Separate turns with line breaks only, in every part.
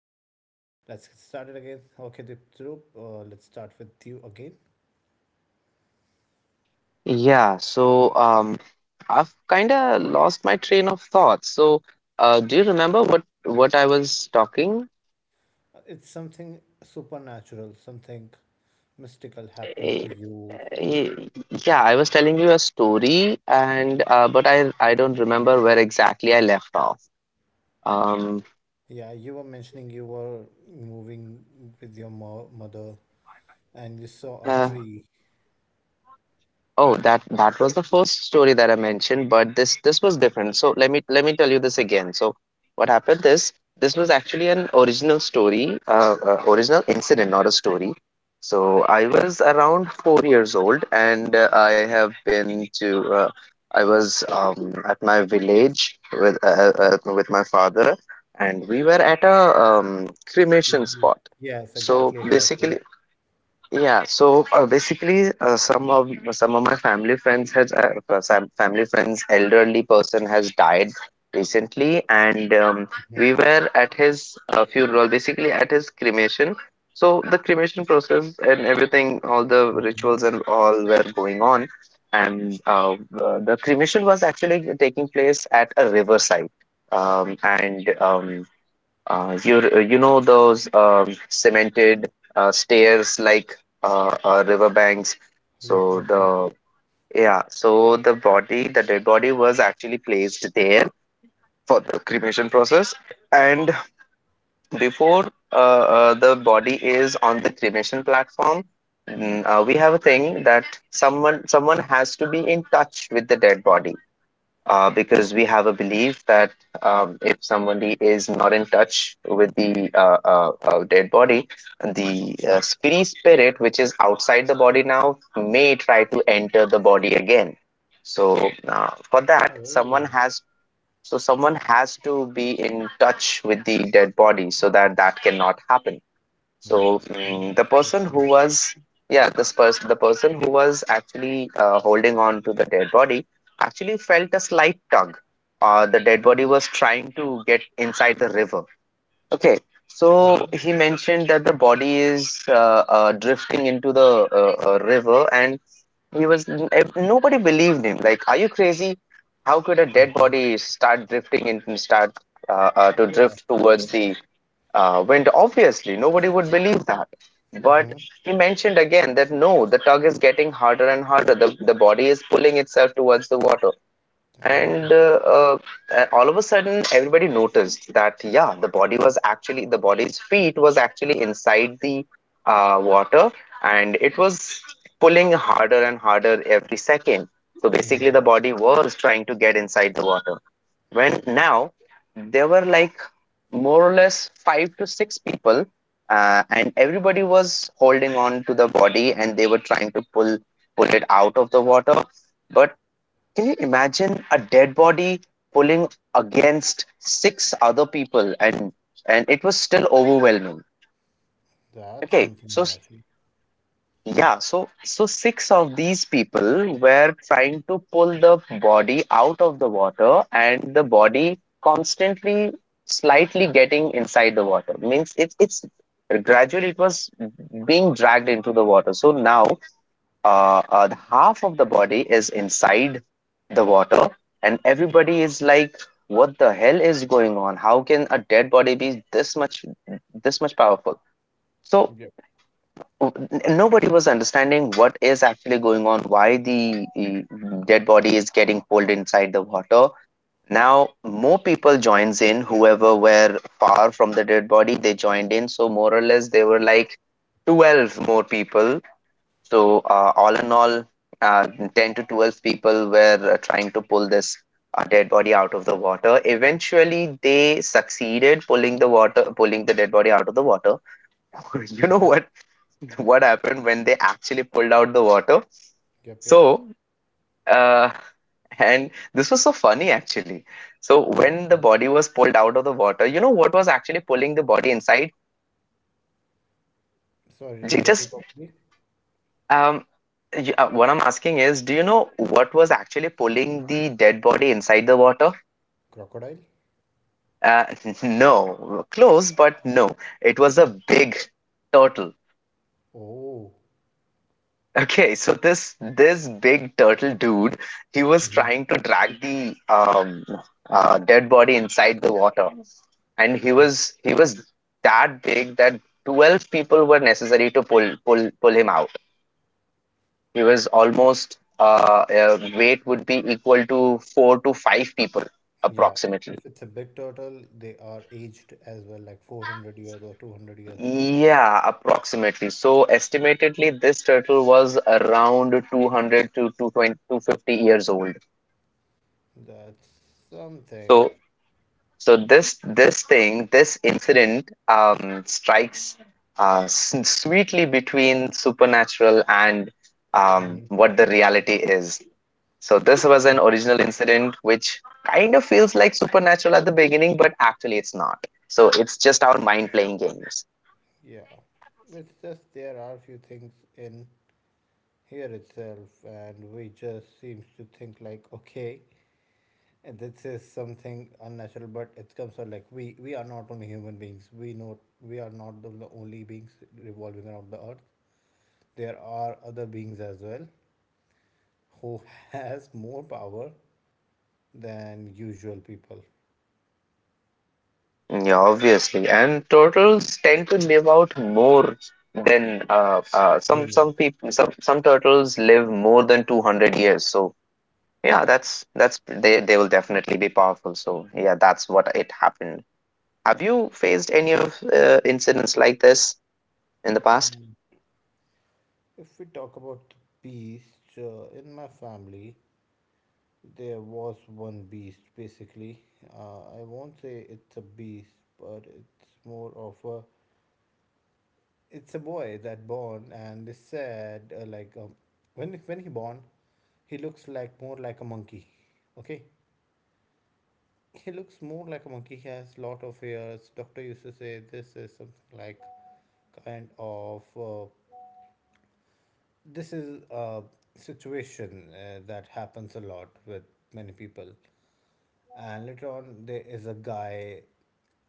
but let's get started again. Okay, Diptrup, let's start with you again.
Yeah, so um, I've kind of lost my train of thought. Do you remember what I was talking?
It's something supernatural, something mystical happened to
Eh,
you.
eh, Yeah, I was telling you a story, and but I don't remember where exactly I left off. Um,
Yeah, you were mentioning you were moving with your mother and you saw a
uh,
tree.
Oh, that was the first story that I mentioned, but this was different. So let me tell you this again. So what happened is this was actually an original story, original incident, not a story. So I was around 4 years old, and I have been to I was at my village with my father, and we were at a cremation
Mhm.
spot.
Yes,
So
exactly, exactly.
basically, yeah, so basically, some of my family friends has some family friends elderly person has died recently, and
Mhm,
we were at his funeral, basically at his cremation. So the cremation process and everything, all the
mhm.
rituals and all were going on, and the cremation was actually taking place at a riverside, and you know those cemented stairs like riverbanks.
Yep,
So
yep, yep.
the yeah, so the body, the dead body was actually placed there for the cremation process. And before the body is on the cremation platform, we have a thing that someone has to be in touch with the dead body because we have a belief that if somebody is not in touch with the dead body, the free spirit, which is outside the body now, may try to enter the body again. So uh, for that, someone
Oh,
has so someone has to be in touch with the dead body so that that cannot happen.
hmm.
So
Yeah,
mm,
that's
the
what.
person who was, yeah, this person, The person who was actually holding on to the dead body actually felt a slight tug. The dead body was trying to get inside the river. Okay, so
Okay.
he mentioned that the body is drifting into the river, and nobody believed him. Like, are you crazy? How could a dead
Mm-hmm.
body start drifting and start to
Yeah.
drift towards the wind. Obviously, nobody would believe that. But
Mm-hmm.
he mentioned again that no, the tug is getting harder and harder. The body is pulling itself towards the water. And
Oh,
All of a sudden, everybody noticed that, yeah, the body was actually, the body's feet was actually inside the water and it was pulling harder and harder every second. So basically,
hmm.
the body was trying to get inside the water when
Yep.
now there were like more or less five to six people and everybody was holding on to the body and they were trying to pull it out of the water, but can you imagine a dead body pulling against six other people and it was still overwhelming.
That's
okay
something
so s-
unnatural.
yeah, so so six of these people were trying to pull the body out of the water and the body constantly slightly getting inside the water. Means it's gradually, it was being dragged into the water. So now the half of the body is inside the water and everybody is like, what the hell is going on? How can a dead body be this much, this much powerful? So n- nobody was understanding what is actually going on, why the dead body is getting pulled inside the water. Now more people joins in, whoever were far from the dead body they joined in, so more or less they were like 12 more people. So uh, all in all uh, 10 to 12 people were trying to pull this dead body out of the water. Eventually they succeeded, pulling the water, pulling the dead body out of the water. You know
Mm-hmm.
what what happened when they actually pulled out the water?
Yep, yep.
So, uh, and this was so funny actually. So, when the
Okay.
body was pulled out of the water, you know what was actually pulling the body inside?
So I didn't
J-
get you
Just
properly.
um, what I'm asking is, do you know what was actually pulling the dead body inside the water?
Crocodile?
Uh, no, close, but no. It was a big turtle.
Oh.
Okay, so this big turtle dude, he was
Mm-hmm.
trying to drag the dead body inside the water, and he
Oh,
was he was that big that 12 people were necessary to pull him out. He was almost weight would be equal to four to five people
yeah.
approximately.
If it's a big turtle, they are aged as well, like 400 years or 200 years.
Yeah, approximately. So estimatedly, this turtle was around 200 to two hundred twenty two hundred fifty years old.
That's something.
So, so this thing, this incident, strikes sweetly between supernatural and
Hmm.
what the reality is. So this was an original incident which kind of feels like supernatural at the beginning, but actually it's not. So it's just our mind playing games.
Yeah. It's just there are few things in here itself, and we just seems to think like, okay, and this is something unnatural, but it comes out like we are not only human beings. We know we are not the only beings revolving around the earth. There are other beings as well who has more power than usual people,
Yeah, obviously, and turtles tend to live out more than some
humans.
some people. Some turtles live more than 200 years. So yeah, that's they will definitely be powerful. So yeah, that's what it happened. Have you faced any of incidents like this in the past?
If we talk about beast, in my family, there was one beast. Basically, I won't say it's a beast, but it's more of a it's a boy that born and they said like when he born he looks like more like a monkey, okay, he looks more like a monkey, he has lot of hairs, doctor used to say this is something like kind of this is a situation that happens a lot with many people. And later on there is a guy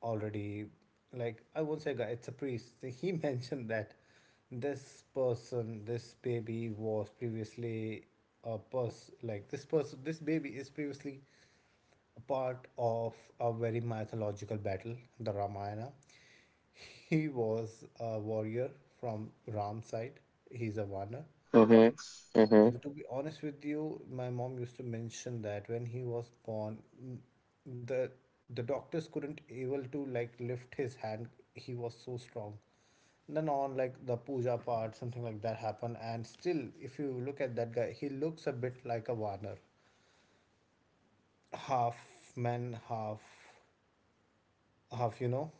already, like, I won't say guy, it's a priest. He mentioned that this person, this baby was previously a person, like this person, this baby is previously a part of a very mythological battle, the Ramayana. He was a warrior from Ram's side. He's a warner.
Mm-hmm. Mm-hmm.
And to be honest with you, my mom used to mention that when he was born, the the doctors couldn't able to like lift his hand. He was so strong. Then on like the puja part, something like that happened, and still, if you look at that guy, he looks a bit like a Warner, half man, half half, you know,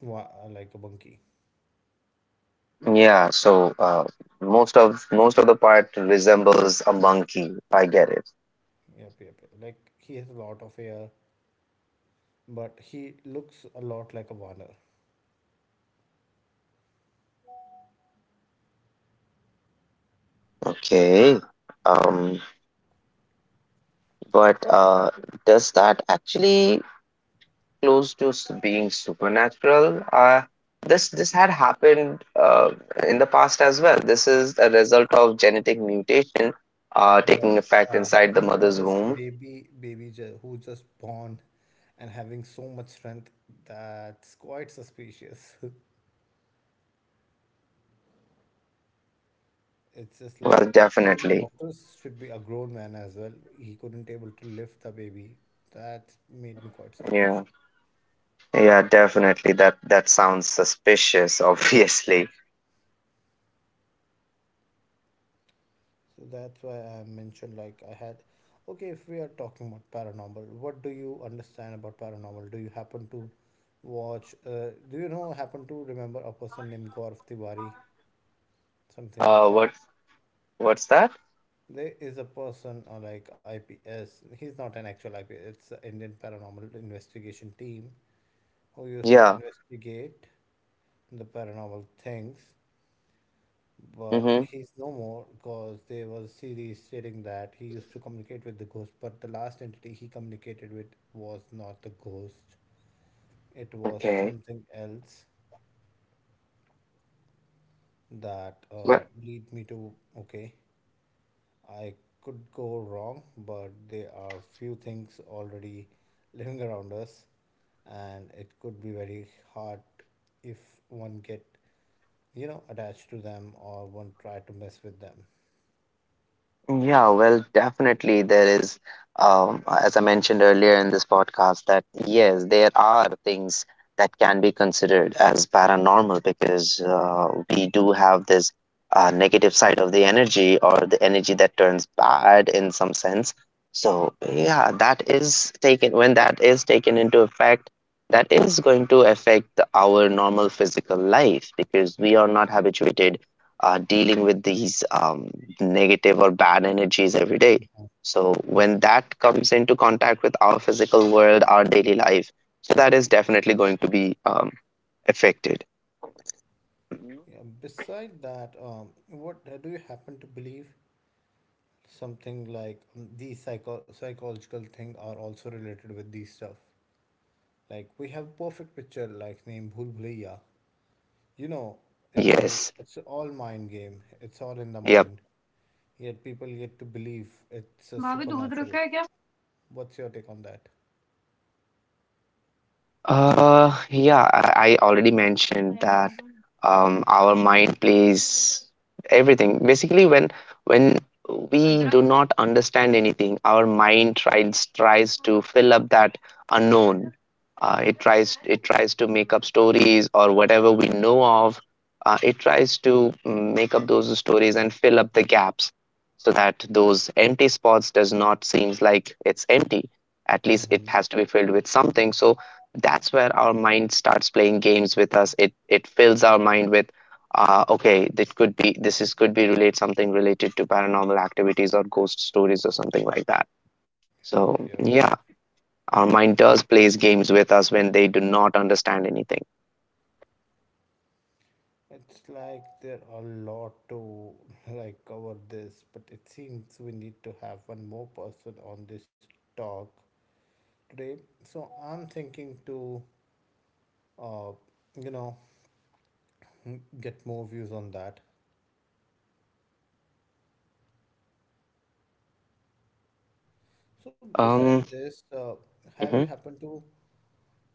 like a monkey.
Yeah. So most of the part resembles a monkey. I get it.
Yep, yep, yep. Like he has a lot of hair, but he looks a lot like a Warner.
Okay. Um, but does that actually close to being supernatural. This had happened in the past as well. This is a result of genetic mutation
But
taking effect inside the
having
mother's
just a
womb.
baby, who just born and having so much strength, that's quite suspicious. It's just like
Well,
even the
definitely,
doctors should be a grown man as well. He couldn't able to lift the baby. That made me quite
yeah,
suspicious.
yeah, definitely. That that sounds suspicious. Obviously,
So that's why I mentioned, like I had, okay, if we are talking about paranormal, what do you understand about paranormal? Do you happen to watch, do you know, happen to remember a person named Gaurav Tiwari, something like
uh,
that?
what what's that?
There is a person like IPS. He's not an actual IPS. It's the Indian Paranormal Investigation Team who used to
Yeah.
investigate the paranormal things. But
Mm-hmm.
he's no more because there was a series stating that he used to communicate with the ghost. But the last entity he communicated with was not the ghost. It was
Okay.
something else that
Well,
lead me to okay. I could go wrong, but there are few things already living around us, and it could be very hard if one get, you know, attached to them or one try to mess with them.
yeah, well, definitely there is, as I mentioned earlier in this podcast, that yes, there are things that can be considered as paranormal because we do have this negative side of the energy or the energy that turns bad in some sense. So yeah, that is taken, when that is taken into effect, that is going to affect our normal physical life because we are not habituated dealing with these negative or bad energies every day. So when
Mhm.
that comes into contact with our physical world, our daily life, so that is definitely going to be affected. Mhm.
Yeah, beside that, what do you happen to believe? Something like these psychological thing are also related with these stuff. Like we have perfect picture, like name Bhul Bhulaiya. You know, it's all
Yes.
it's all mind game. It's all in the
Yep.
mind. Yet people get to believe it's a supernatural. What's your take on that?
Yeah, I already mentioned that our mind plays everything. Basically, when we do not understand anything, our mind tries to fill up that unknown. It tries to make up stories or whatever we know of. It tries to make up those stories and fill up the gaps so that those empty spots does not seems like it's empty. At least
Mm-hmm.
it has to be filled with something. So that's where our mind starts playing games with us. It fills our mind with okay, that could be, this is could be relate something related to paranormal activities or ghost stories or something like that.
Yep,
So
yep.
yeah, our mind does plays games with us when they do not understand anything.
It's like there are a lot to like cover this, but it seems we need to have one more person on this talk today. So I'm thinking to, uh, you know, get more views on that. So besides
um
this, have you
mhm.
happened to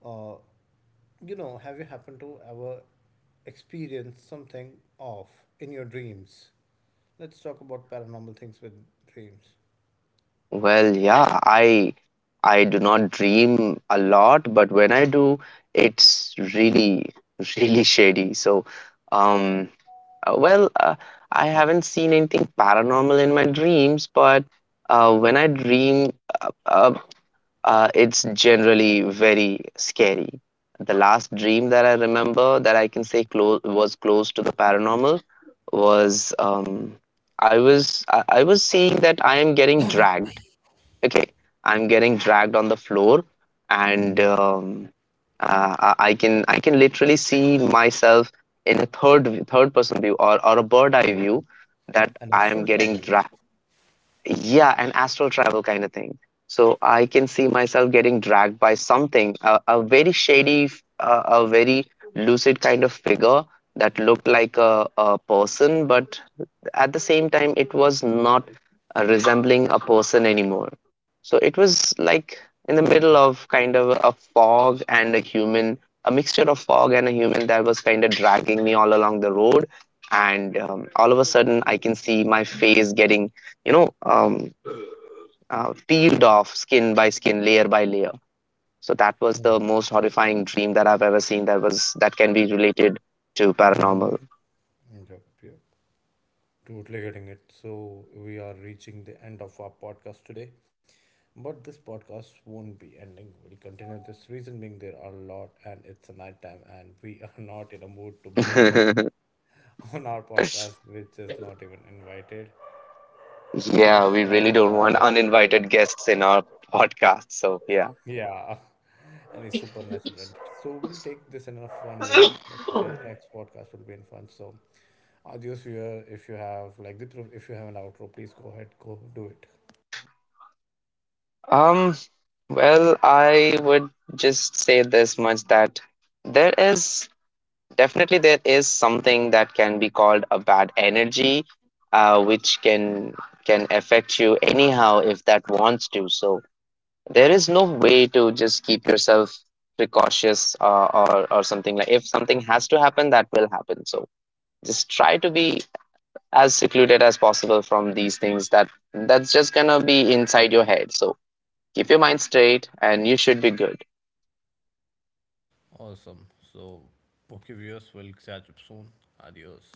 uh, you know, have you happened to ever experience something off in your dreams? Let's talk about paranormal things with dreams.
Well, yeah, I do not dream a lot, but when I do, it's really really shady. Um Uh, well, uh, I haven't seen anything paranormal in my dreams, but when I dream, uh, uh, it's generally very scary. The last dream that I remember that I can say close, was close to the paranormal, was I was I was seeing that I am getting dragged. Okay, I'm getting dragged on the floor, and
Mm-hmm.
um, uh, I can literally see myself in a third person view, or a bird eye
Oh,
view, that
and
I am
astral
getting
travel.
dragged. Yeah, an astral travel kind of thing. So I can see myself getting dragged by something, a very shady, a very lucid kind of figure that looked like a person, but at the same time, it was not resembling a person anymore. So it was like in the middle of kind of a fog and a human, a mixture of fog and a human that was kind of dragging me all along the road. And all of a sudden, I can see my face getting you know, um, peeled off skin by skin, layer by layer. So that was the most horrifying dream that I've ever seen. That was, that can be related to
Mm-hmm.
paranormal.
Yep, yep. Totally getting it. So we are reaching the end of our podcast today. But this podcast won't be ending. We'll continue this, reason being there are a lot and it's a night time and we are not in a mood to bring someone up on our podcast which is not even invited.
Yeah, we really
Besides
don't want
that, uh,
uninvited guests in our podcast. So yeah.
yeah, any supernatural entity. So we'll take this in a fun way. That next podcast will be in fun. So, adios, viewer. If you have like the if you have an outro, please go ahead, go do it.
Um. Well, I would just say this much, that there is, definitely, there is something that can be called a bad energy, which can affect you anyhow if that wants to. So there is no way to just keep yourself precautious or something like. If something has to happen, that will happen. So just try to be as secluded as possible from these things. That that's just gonna be inside your head. So keep your mind straight, and you should be good.
Awesome. So, okay, viewers, we'll catch up soon. Adios.